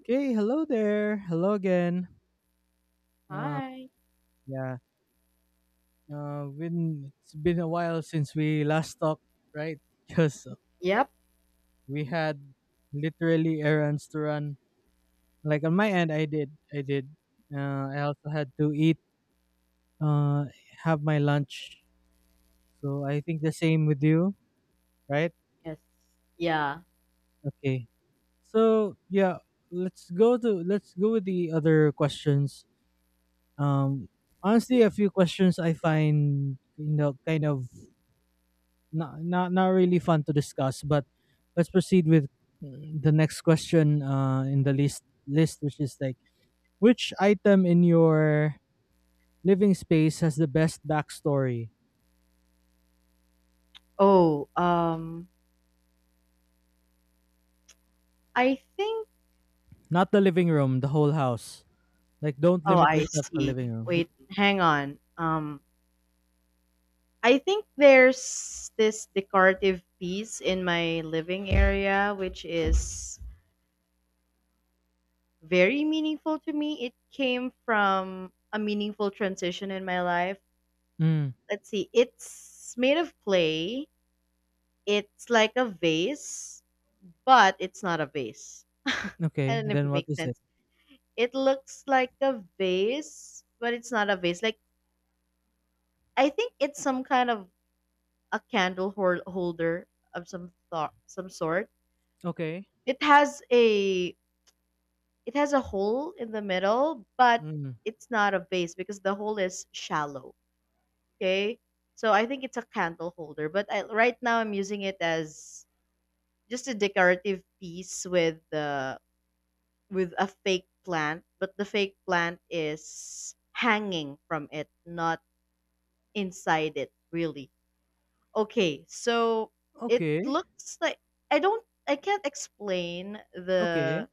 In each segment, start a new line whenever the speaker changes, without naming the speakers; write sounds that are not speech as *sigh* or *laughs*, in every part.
Okay, hello there. Hello again. Uh,
Hi.
yeah, it's been a while since we last talked, right? *laughs* Because
Yep.
we had literally errands to run. Like on my end, I did. I also had to eat, uh, have my lunch. So I think the same with you, right?
Yes. Yeah.
Okay. So let's go with the other questions. Um, Honestly, a few questions I find kind of not really fun to discuss. But let's proceed with the next question in the list, which is like which item in your living space has the best backstory?
Oh, um, I think,
Not the living room, the whole house. Like, don't
oh,
limit
I
yourself to
see.
living room.
Wait, hang on. I think there's this decorative piece in my living area, which is very meaningful to me. It came from a meaningful transition in my life.
Mm,
Let's see. It's made of clay. It's like a vase, but it's not a vase. I
okay,
don't know if
then
it
what
makes
is it?
sense. It looks like a vase, but it's not a vase. Like, I think it's some kind of a candle holder of some thought, some sort.
Okay.
It has a it has a hole in the middle, but
Mm,
it's not a vase because the hole is shallow. Okay, so I think it's a candle holder. But right now I'm using it as just a decorative piece with the with a fake plant, but the fake plant is hanging from it, not inside it, really. Okay, so it
okay.
looks like I don't I can't explain
Okay.
the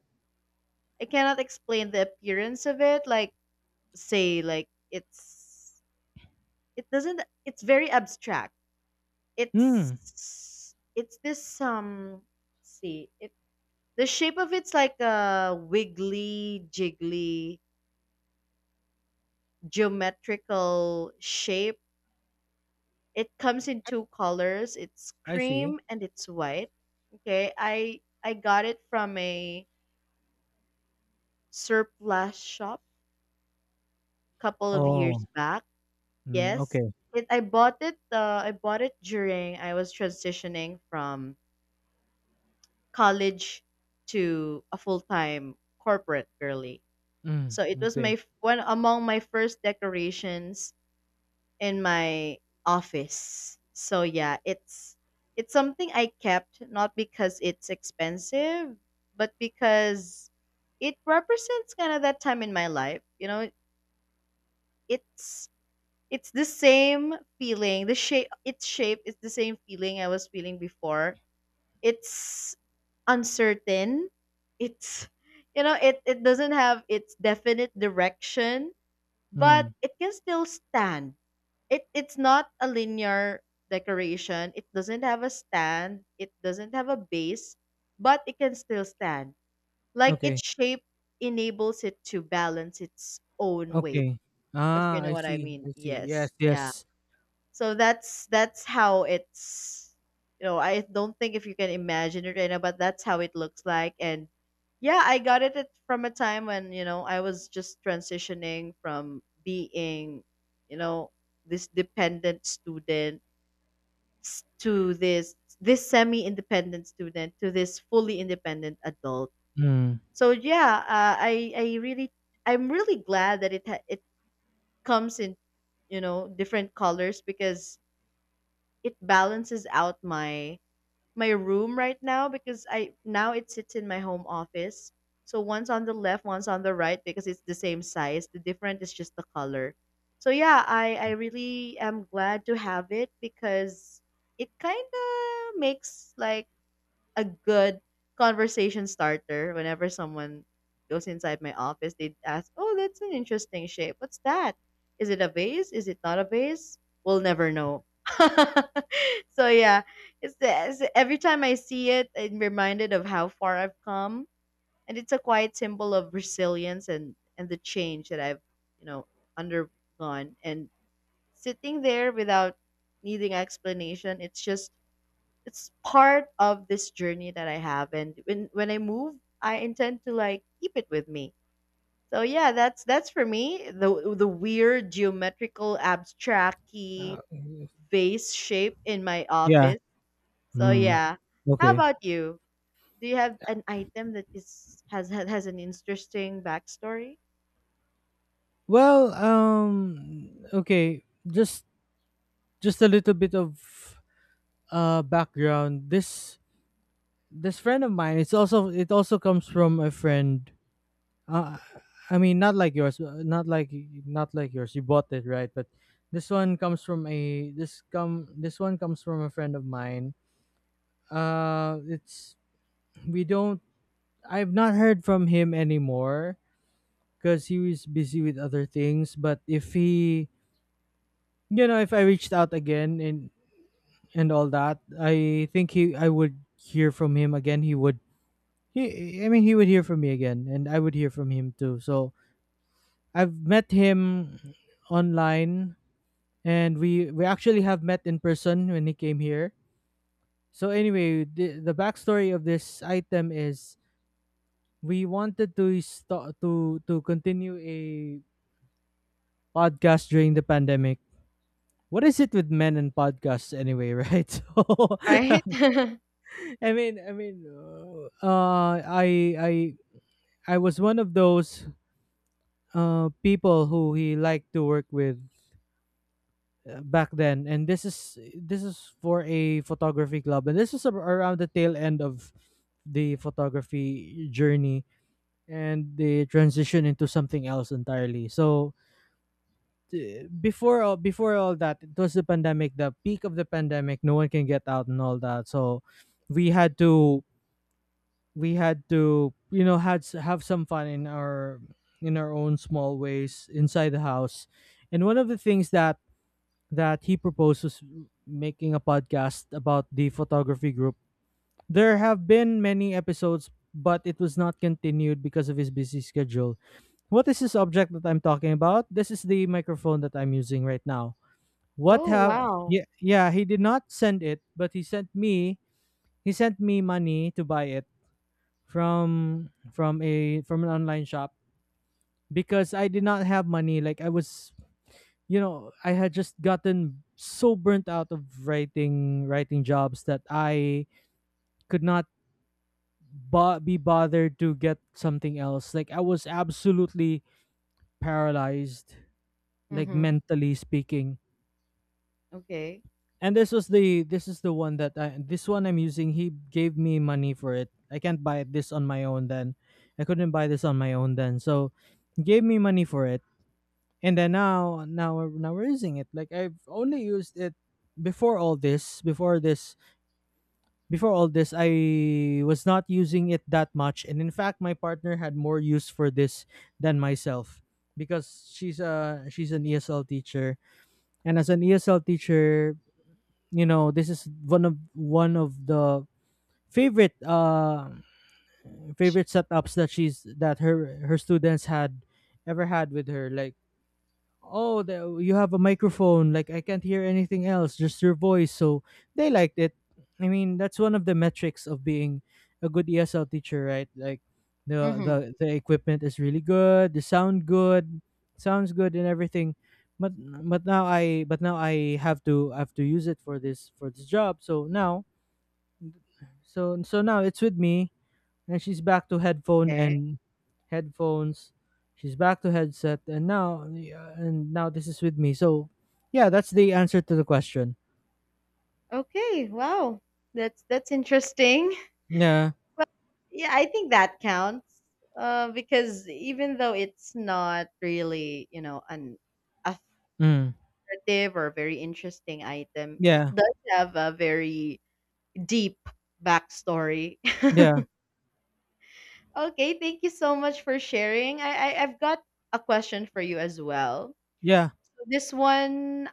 I cannot explain the appearance of it. Like, say, like, it's it doesn't it's very abstract.
Mm,
It's this see it the shape of it's like a wiggly jiggly geometrical shape. It comes in two colors. It's
I see.
cream and it's white. Okay, I got it from a surplus shop a couple of
Oh.
years back.
Mm,
Yes,
okay.
I bought it. I bought it during I was transitioning from college to a full time corporate girly.
Mm,
So it was
okay.
one among my first decorations in my office. So yeah, it's something I kept not because it's expensive, but because it represents kind of that time in my life. You know, it's it's the same feeling. The shape, its shape is the same feeling I was feeling before. It's uncertain. It's it doesn't have its definite direction, but
Mm,
it can still stand. It's not a linear decoration. It doesn't have a stand. It doesn't have a base, but it can still stand. Like,
okay.
its shape enables it to balance its own weight,
Okay.
if
Ah,
you know what I mean.
I see.
Yes. Yeah.
Yes.
So that's how it's, I don't think if you can imagine it right now, but that's how it looks like. And yeah, I got it at, from a time when, I was just transitioning from being, you know, this dependent student to this semi-independent student to this fully independent adult.
Mm.
So yeah, I'm really glad that it comes in, different colors because it balances out my my room right now because I now it sits in my home office. So one's on the left, one's on the right because it's the same size. The different is just the color. So yeah, I really am glad to have it because it kind of makes like a good conversation starter whenever someone goes inside my office. They ask, "Oh, that's an interesting shape, what's that? Is it a vase? Is it not a vase? We'll never know." *laughs* So yeah, it's every time I see it, I'm reminded of how far I've come, and it's a quiet symbol of resilience and the change that I've you know undergone, and sitting there without needing explanation, it's part of this journey that I have. And when I move, I intend to like keep it with me. So yeah, that's for me the weird geometrical
Uh,
abstracty vase shape in my
yeah.
office. So
Mm.
yeah. How
Okay.
about you? Do you have an item that is has an interesting backstory?
Well, okay, just a little bit of background. This friend of mine, it also comes from a friend. Uh, I mean not like yours. You bought it, right? But this one comes from a friend of mine. It's we don't I've not heard from him anymore because he was busy with other things. But if he, you know, if I reached out again and all that, I would hear from him again. I mean, he would hear from me again, and I would hear from him too. So I've met him online, and we actually have met in person when he came here. So anyway, the backstory of this item is we wanted to to continue a podcast during the pandemic. What is it with men and podcasts anyway, right? *laughs* So,
Right?
*laughs*
*laughs*
I mean, uh, I I I was one of those people who he liked to work with back then, and this is for a photography club, and this is around the tail end of the photography journey and the transition into something else entirely. So before all that, it was the pandemic, the peak of the pandemic, no one can get out and all that. So we had to we had to, you know, have some fun in our own small ways inside the house. And one of the things that he proposed was making a podcast about the photography group. There have been many episodes, but it was not continued because of his busy schedule. What is this object that I'm talking about? This is the microphone that I'm using right now. What
Oh
have—
wow.
yeah, yeah, he did not send it, but he sent me money to buy it from a from an online shop because I did not have money. Like I was, you know, I had just gotten so burnt out of writing jobs that I could not be bothered to get something else. Like I was absolutely paralyzed, like
Mhm.
mentally speaking.
Okay.
And this is the one this one I'm using. He gave me money for it. I can't buy this on my own then. I couldn't buy this on my own then. So he gave me money for it. And then now now we're using it. Like I've only used it before this, before all this I was not using it that much. And in fact my partner had more use for this than myself because she's an ESL teacher. And as an ESL teacher, you know, this is one of the favorite favorite setups that she's that her students had ever had with her. Like, oh, you have a microphone, like I can't hear anything else, just your voice. So they liked it. I mean, that's one of the metrics of being a good ESL teacher, right? Like
Mhm.
the equipment is really good, the sounds good and everything. But but now I have to— I have to use it for this job. So now so so now it's with me, and she's back to headphone
Okay.
and headphones— she's back to headset. And now, yeah, and now this is with me. So yeah, that's the answer to the question.
Okay. Wow. That's interesting.
Yeah.
Yeah, I think that counts. Because even though it's not really, an
Mm.
authoritative or very interesting item, it
Yeah.
does have a very deep backstory.
Yeah.
*laughs* Okay, thank you so much for sharing. I've got a question for you as well.
Yeah.
So this one,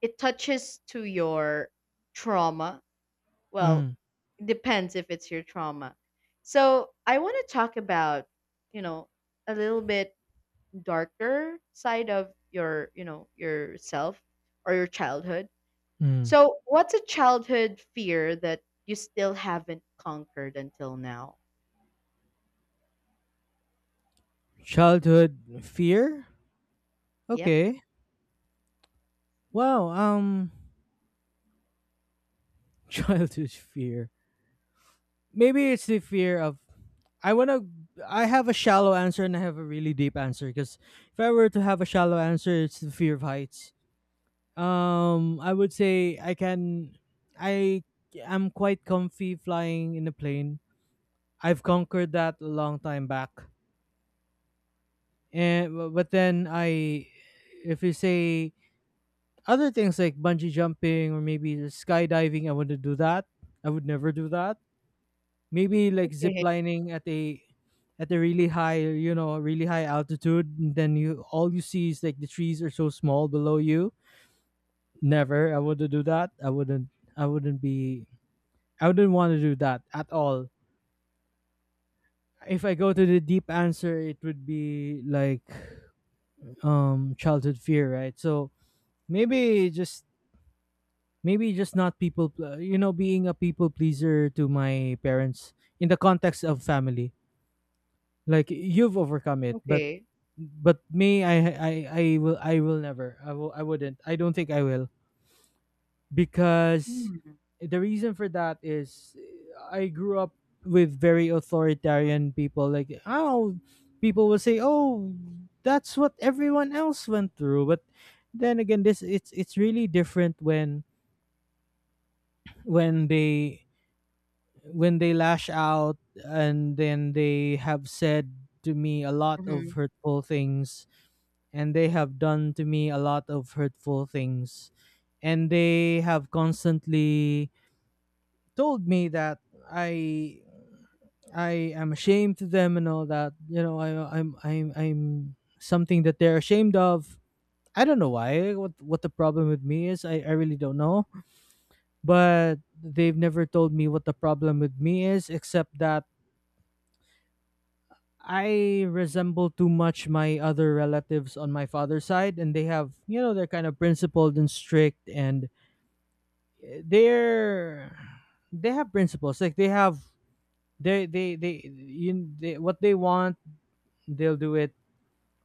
it touches to your trauma. Well,
Mm.
it depends if it's your trauma. So I want to talk about, you know, a little bit darker side of your yourself or your childhood.
Mm.
So what's a childhood fear that you still haven't conquered until now?
Childhood fear.
Yep.
Okay. Wow *laughs* Childhood fear. Maybe it's the fear of— I want to I have a shallow answer and I have a really deep answer. Because if I were to have a shallow answer, it's the fear of heights. I would say I can. I am quite comfy flying in a plane. I've conquered that a long time back. And but then I, if you say other things like bungee jumping or maybe just skydiving, I wouldn't do that. I would never do that. Maybe like
Okay.
ziplining at a— at a really high, you know, really high altitude, and then you all you see is like the trees are so small below you. Never, I wouldn't do that. I wouldn't. I wouldn't be. I wouldn't want to do that at all. If I go to the deep answer, it would be like, childhood fear, right? So maybe just maybe just not you know, being a people pleaser to my parents in the context of family. Like you've overcome it,
Okay.
but me, I will I will never. I wouldn't. I don't think I will. Because
Mm-hmm.
the reason for that is, I grew up with very authoritarian people. Like, oh, people will say, "Oh, that's what everyone else went through." But then again, this it's really different when when they when they lash out, and then they have said to me a lot of hurtful things, and they have done to me a lot of hurtful things, and they have constantly told me that I— I am ashamed to them and all that. You know, I I'm something that they're ashamed of. I don't know why. What the problem with me is, I really don't know. But they've never told me what the problem with me is, except that I resemble too much my other relatives on my father's side, and they have, you know, they're kind of principled and strict, and they're— they have principles. Like they they what they want, they'll do it.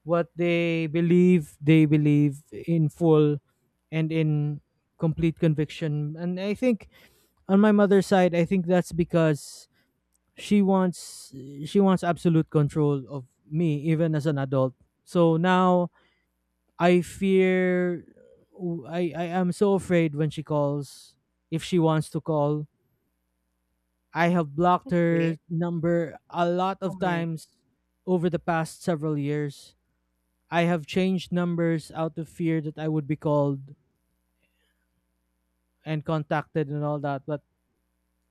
What they believe, they believe in full and in complete conviction. And I think on my mother's side, I think that's because she wants she wants absolute control of me even as an adult. So now I fear— I am so afraid when she calls, if she wants to call. I have blocked her
Okay.
number a lot
Oh
of
my.
times over the past several years. I have changed numbers out of fear that I would be called and contacted and all that. But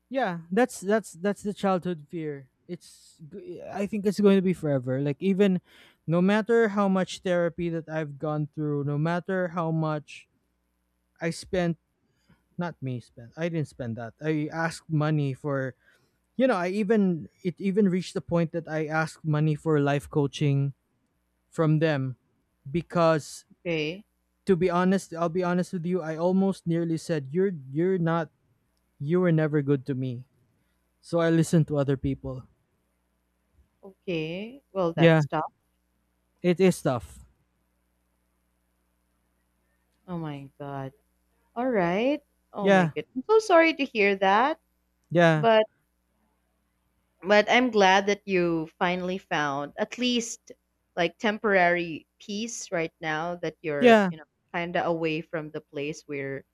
yeah, that's that's the childhood fear. It's I think it's going to be forever. Like even no matter how much therapy that I've gone through, no matter how much I spent— not me spent. I didn't spend that. I asked money for, you know, I even it even reached the point that I asked money for life coaching from them. Because
Okay.
to be honest, I'll be honest with you, I almost nearly said, you're not— you were never good to me. So I listened to other people.
Okay. Well,
Yeah,
that's tough.
it is tough.
Oh my god. All right. Oh my
Yeah.
god, I'm so sorry to hear that.
Yeah.
But I'm glad that you finally found at least like temporary peace right now that you're,
Yeah.
kind of away from the place where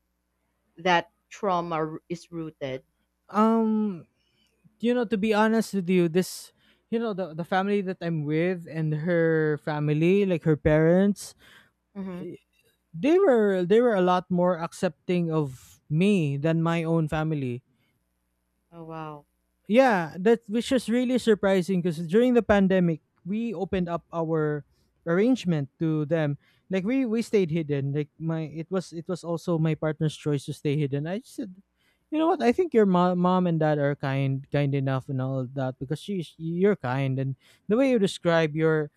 that trauma is rooted.
Um you know, to be honest with you, this you know, the family that I'm with and her family, like her parents,
Mm-hmm.
they were a lot more accepting of me than my own family.
Oh, wow.
Yeah, that which is really surprising, because during the pandemic we opened up our arrangement to them. Like we stayed hidden. Like my it was also my partner's choice to stay hidden. I just said, you know what? I think your mom and dad are kind enough and all that, because she's you're kind, and the way you describe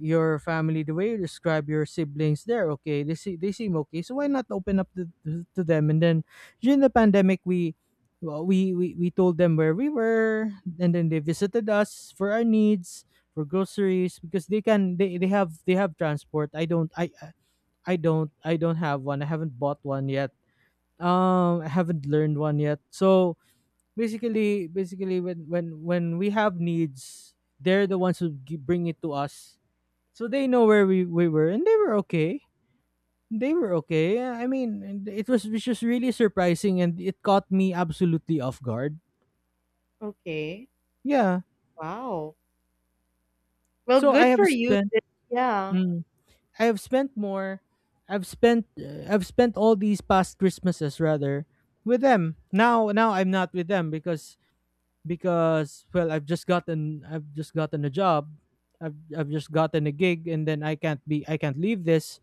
your family, the way you describe your siblings, they're okay, they see they seem okay, so why not open up to them? And then during the pandemic we we told them where we were, and then they visited us for our needs, for groceries, because they can they have transport. I don't have one. I haven't bought one yet. I haven't learned one yet. So basically when when we have needs, they're the ones who bring it to us. So they know where we were, and they were okay. They were okay, I mean, and it was, which was really surprising, and it caught me absolutely off guard.
Okay.
Yeah.
Wow. Well,
So I
good
have
for you.
spent,
Yeah.
mm, I have spent more. I've spent I've spent all these past Christmases rather with them. Now I'm not with them because well, I've just gotten a job. I've just gotten a gig, and then I can't be, I can't leave this.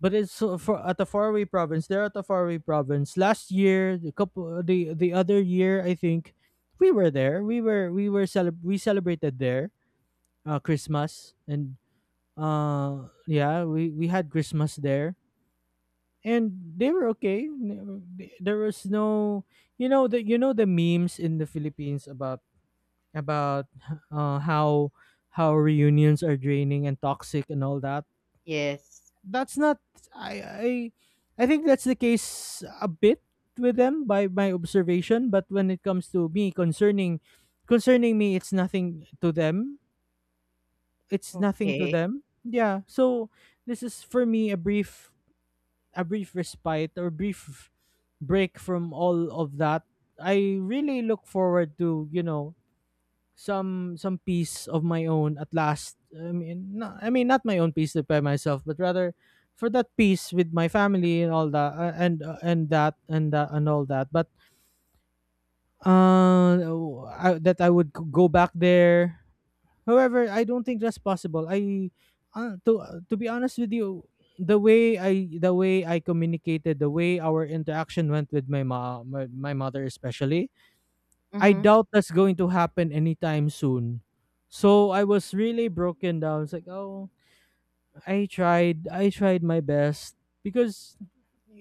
But it's so for at the faraway province. They're at the faraway province. Last year, the couple, the other year, I think we were there. We were we celebrated there Christmas, and yeah, we had Christmas there. And they were okay. There was no, you know, the memes in the Philippines about about how reunions are draining and toxic and all that.
Yes.
That's not, I I I think that's the case a bit with them, by my observation, but when it comes to me, concerning me, it's nothing to them. It's nothing to
Okay.
them. Yeah. So this is for me a brief, a brief respite, or brief break from all of that. I really look forward to, some peace of my own at last. I mean, no, I mean not my own peace by myself, but rather for that peace with my family and all that, and that and all that. But I, that I would go back there. However, I don't think that's possible. I to be honest with you, the way I communicated, the way our interaction went with my mom, my mother especially, I
Mm-hmm.
doubt that's going to happen anytime soon. So I was really broken down. It's like, oh, I tried my best, because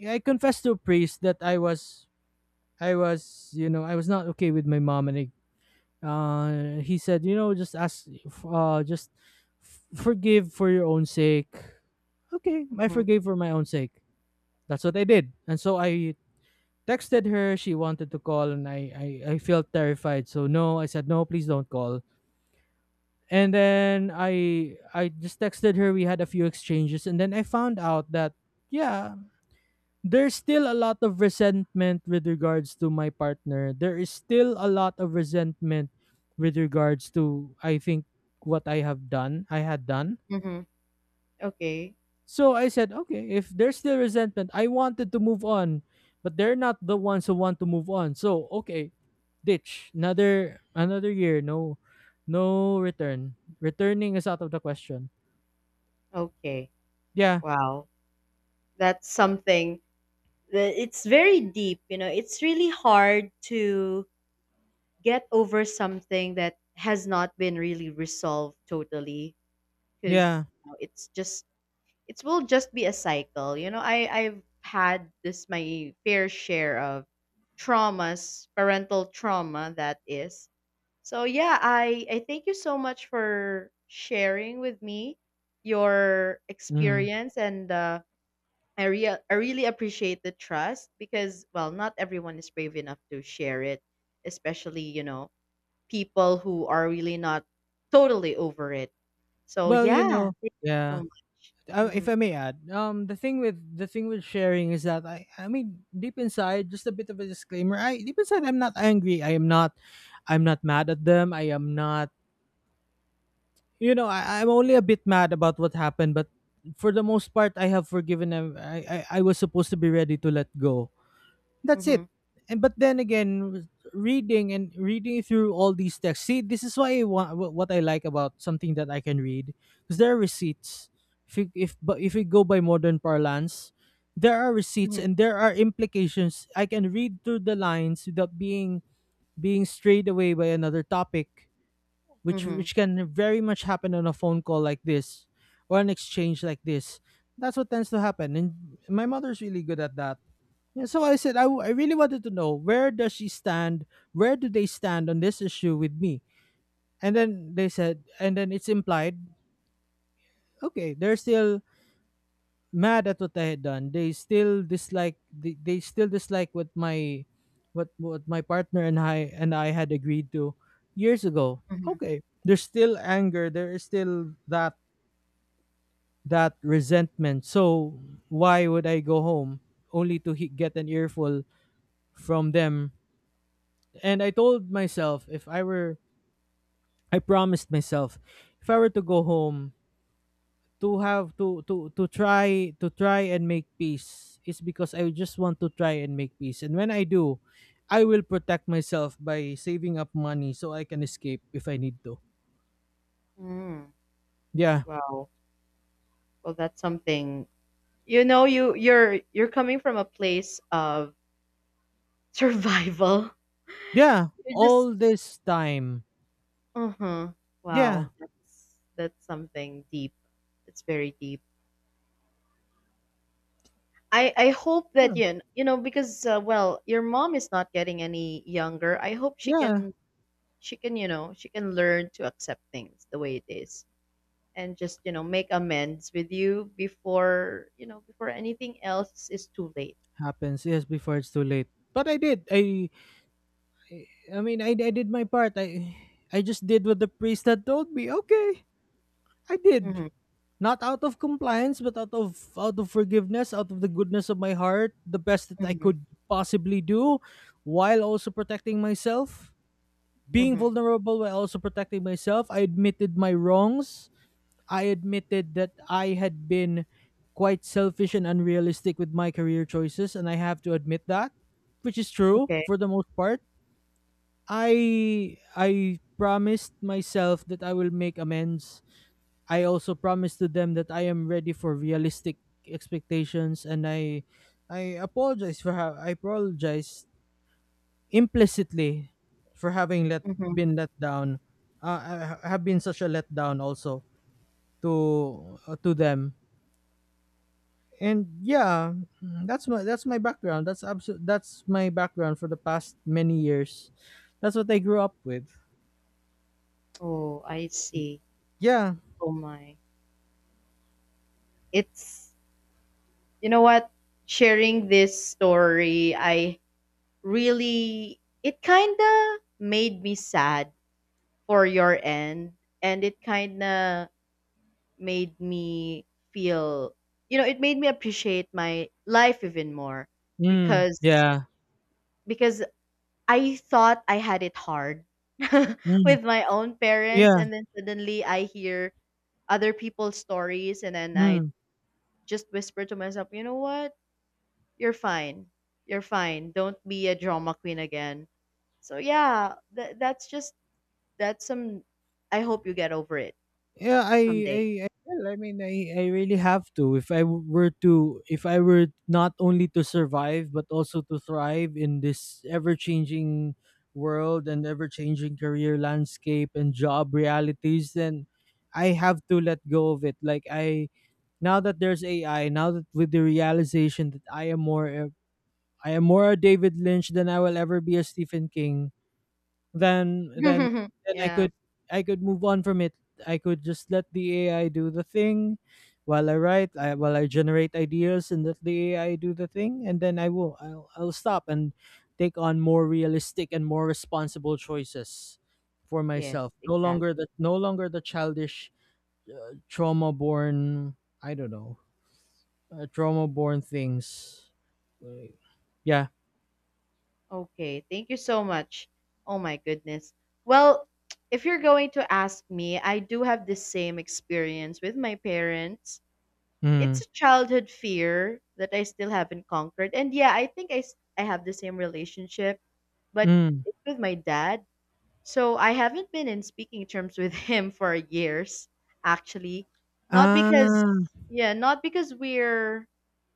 I confessed to a priest that I was, you know, I was not okay with my mom. And he said, you know, just ask, uh, just forgive for your own sake. Okay, I
Mm-hmm.
forgave for my own sake. That's what I did, and so I texted her. She wanted to call, and I felt terrified. So no, I said no, please don't call. And then I just texted her. We had a few exchanges, and then I found out that, yeah, there's still a lot of resentment with regards to my partner. There is still a lot of resentment with regards to, I think, what I have done I had done.
Mm-hmm. Okay.
So I said, okay, if there's still resentment, I wanted to move on, but they're not the ones who want to move on. So okay, ditch another year. No, no return, returning is out of the question.
Okay.
Yeah.
Wow. That's something that it's very deep, it's really hard to get over something that has not been really resolved totally because
Yeah.
it's just it will just be a cycle. You know, I've had this, my fair share of traumas, parental trauma that is. So yeah, I thank you so much for sharing with me your
Mhm.
experience. And I really appreciate the trust because, well, not everyone is brave enough to share it, especially, people who are really not totally over it. So
Well, you
yeah,
know,
thank you so
yeah.
much.
If
Mhm,
I may add, the thing with sharing is that, I mean, deep inside, just a bit of a disclaimer. I deep inside, I'm not angry. I am not, I'm not mad at them. I am not, you know, I'm only a bit mad about what happened. But for the most part, I have forgiven them. I was supposed to be ready to let go. That's it.
mhm,
And but then again, reading and reading through all these texts. See, this is why I want what I like about something that I can read, because there are receipts. If you, if but If we go by modern parlance, there are receipts
mhm,
and there are implications. I can read through the lines without being strayed away by another topic, which
mhm,
can very much happen on a phone call like this, or an exchange like this. That's what tends to happen, and my mother's really good at that. Yeah, so I said I really wanted to know, where does she stand, where do they stand on this issue with me? And then they said, and then it's implied, okay, they're still mad at what I had done. They still dislike, they still dislike what my what my partner and I had agreed to years ago.
mhm.
Okay. There's still anger, there is still that resentment. So why would I go home only to get an earful from them? And I told myself, if I were, I promised myself, if I were to go home to have to try and make peace, is because I just want to try and make peace. And when I do, I will protect myself by saving up money so I can escape if I need to.
Mm.
Yeah.
Wow. Well, that's something. You know, you're coming from a place of survival.
Yeah.
*laughs* You're just
All this time.
uh-huh.
Yeah.
Wow, that's something deep. It's very deep. I hope
Yeah.
that you know because well, your mom is not getting any younger. I hope she
Yeah.
can she can, you know, she can learn to accept things the way it is and just, make amends with you before, before anything else is too late.
Happens. Yes, before it's too late. But I did. I mean I did my part. I just did what the priest had told me. Okay. I did.
Mm-hmm.
Not out of compliance, but out of forgiveness, out of the goodness of my heart, the best that I
Mm-hmm.
could possibly do, while also protecting myself, being
Mm-hmm.
vulnerable while also protecting myself. I admitted my wrongs. I admitted that I had been quite selfish and unrealistic with my career choices, and I have to admit that, which is true
Okay.
for the most part. I I promised myself that I will make amends. I also promised to them that I am ready for realistic expectations. And I apologize for how I apologize implicitly for having let
Mm-hmm.
been let down. Have been such a letdown also to them. And yeah, that's my background. That's my background for the past many years. That's what I grew up with.
Oh, I see.
Yeah.
Oh my. It's You know what? Sharing this story, I really it kinda made me sad for your end. And it kinda made me feel, it made me appreciate my life even more
Mm,
because
yeah.
because I thought I had it hard. *laughs*
Mm,
With my own parents,
yeah.
and then suddenly I hear other people's stories, and then I
Mm.
just whisper to myself, "You know what, you're fine. You're fine. Don't be a drama queen again." So yeah, that's some. I hope you get over it
Yeah,
someday.
I will. I mean, I really have to. If I w- were to, if I were not only to survive but also to thrive in this ever-changing world and ever-changing career landscape and job realities, then I have to let go of it. Like I, now that there's AI, now that with the realization that I am more a David Lynch than I will ever be a Stephen King, then
*laughs*
I
Yeah.
could move on from it. I could just let the AI do the thing while I write, while I generate ideas, and let the AI do the thing. And then I'll stop and take on more realistic and more responsible choices for
Yes,
myself. No longer
exactly.
the, no longer the childish trauma born, I don't know, trauma born things. Like, yeah.
Okay, thank you so much. Oh my goodness. Well, *tsk* if you're going to ask me, I do have the same experience with my parents. It's
Mm.
a childhood fear that I still haven't conquered. And yeah, I think I have the same relationship, but
Mm.
it's with my dad. So I haven't been in speaking terms with *laughs* him for years, actually. Not because,
Ah.
yeah, not because we're,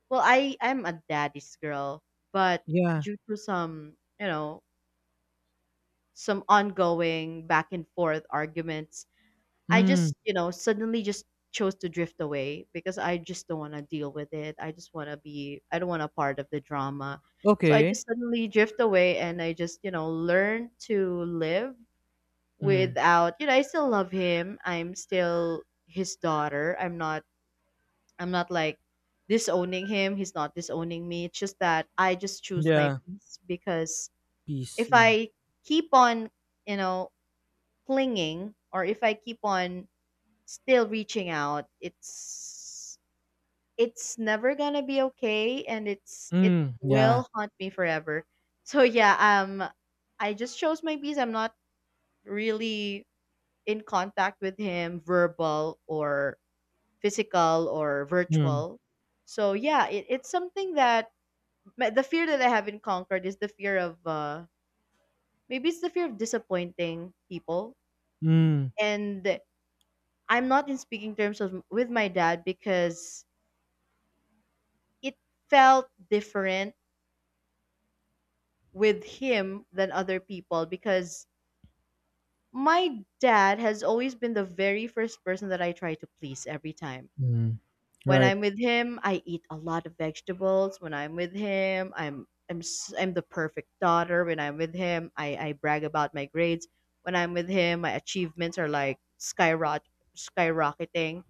well, I'm a daddy's girl, but
Yeah.
due to some, you know, some ongoing back and forth arguments. I
Mm.
just, suddenly just chose to drift away because I just don't want to deal with it. I just want to be, I don't want a part of the drama. So I
Okay.
just suddenly drift away and I just, learn to live
Mm.
without, I still love him. I'm still his daughter. I'm not like disowning him. He's not disowning me. It's just that I just choose my
Yeah.
peace because if
Peace.
I keep on, you know, clinging or if I keep on still reaching out, it's never gonna be okay and it
Mm. Yeah.
will haunt me forever. So yeah, I just chose my peace. I'm not really in contact with him verbal or physical or
Mm.
virtual. So yeah, it, it's something that but the fear that I haven't conquered is the fear of maybe it's the fear of disappointing people.
Mm.
And I'm not in speaking terms with my dad because it felt different with him than other people because my dad has always been the very first person that I try to please every time.
Mm.
When
Right.
I'm with him, I eat a lot of vegetables. When I'm with him, I'm the perfect daughter. When I'm with him, I brag about my grades. When I'm with him, my achievements are like skyrocketing.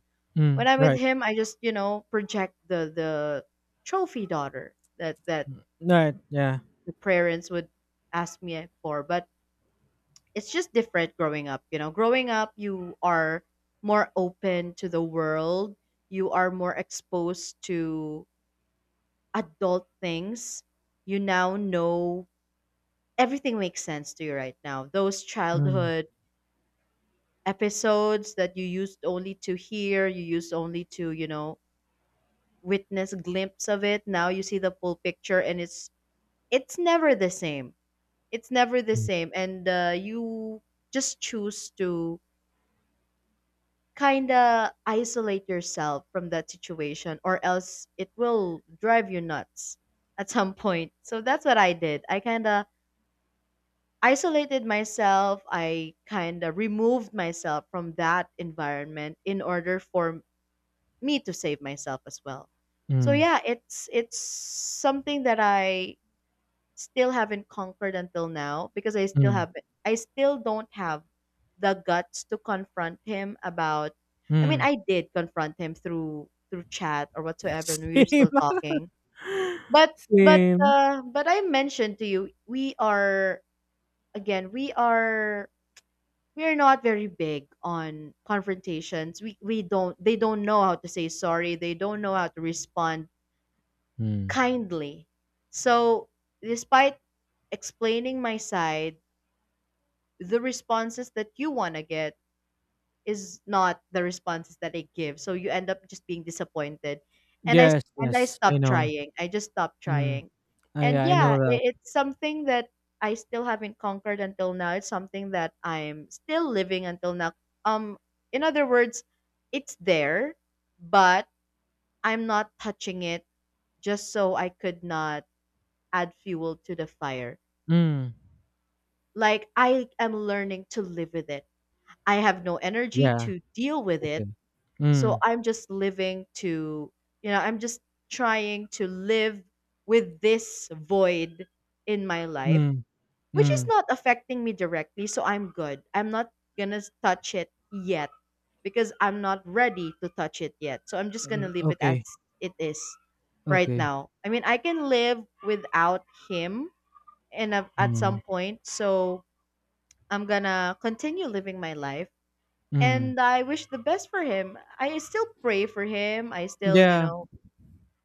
When
Mm.
I'm with
Right.
him, I just, project the trophy daughter that
Mm. Right. Yeah.
the parents would ask me for. But it's just different growing up. Growing up, you are more open to the world. You are more exposed to adult things. You now know everything makes sense to you right now. Those
Mm.
childhood episodes that you used only to hear, you used only to, witness glimpse of it, now you see the full picture, and it's never the same. It's never the
Mm.
same. And you just choose to kind of isolate yourself from that situation, or else it will drive you nuts at some point. So that's what I did. I kind of isolated myself. I kind of removed myself from that environment in order for me to save myself as well. So
Mm.
yeah, it's something that I still haven't conquered until now because
Mm.
I still don't have the guts to confront him about. I mean,
Mm.
I did confront him through chat or
*laughs*
whatsoever, and we were
Same.
still talking.
*laughs*
But
Same.
I mentioned to you, we are again we are not very big on confrontations. We don't they don't know how to say sorry. They don't know how to respond
Mm.
kindly. So despite explaining my side, the responses that you want to get is not the responses that they give, so you end up just being disappointed. and i
Yes.
and I
Yes. I
stopped
know.
trying. I just stopped
Mm.
trying. And
I
yeah,
know that.
it's something that I still haven't conquered until now. It's something that I'm still living until now. um in other words, it's there, but I'm not touching it, just so I could not add fuel to the fire.
Mm.
Like, I am learning to live with it. I have no energy
Yeah.
to deal with
Okay.
it. So
Mm.
I'm just living to, you know, I'm just trying to live with this void in my life,
Mm.
which is
Mm.
not affecting me directly. So I'm good. I'm not going to touch it yet because I'm not ready to touch it yet. So I'm just going to
Mm,
leave it as
okay.
it is right
Okay.
now. I mean, I can live without him and at some
Mm.
point. So I'm going to continue living my life
Mm.
and I wish the best for him. I still pray for him.
Yeah.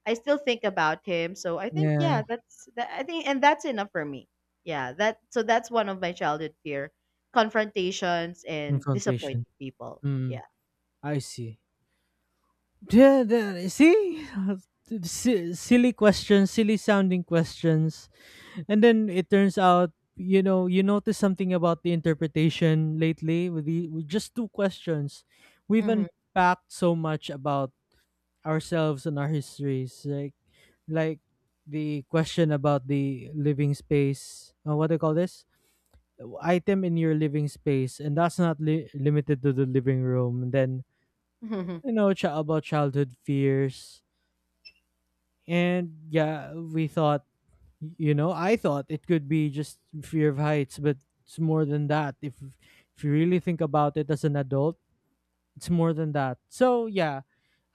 I still think about him. So I think,
Yeah.
yeah, that's that. I think, and that's enough for me. Yeah, that. So that's one of my childhood fear: confrontations and
Confrontation.
disappointing people.
Mm.
Yeah.
I see. Yeah, see, *laughs* silly questions, silly sounding questions, and then it turns out, you know, you notice something about the interpretation lately, with the, with just two questions, we've
Hmm.
unpacked so much about ourselves and our histories, like like the question about the living space. What do you call this item in your living space? And that's not limited to the living room. And then, you
*laughs*
know, about childhood fears. And yeah, we thought, you know, I thought it could be just fear of heights, but it's more than that. If you really think about it as an adult, it's more than that. So yeah,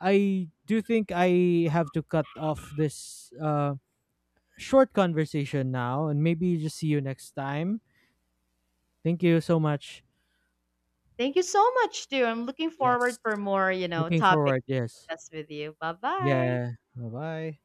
I do think I have to cut off this short conversation now, and maybe just see you next time. Thank you so much.
Thank you so much, too. I'm looking
Yes,
forward for more,
looking
topics
forward.
to
Yes,
discuss with you. Bye bye.
yeah. Bye bye.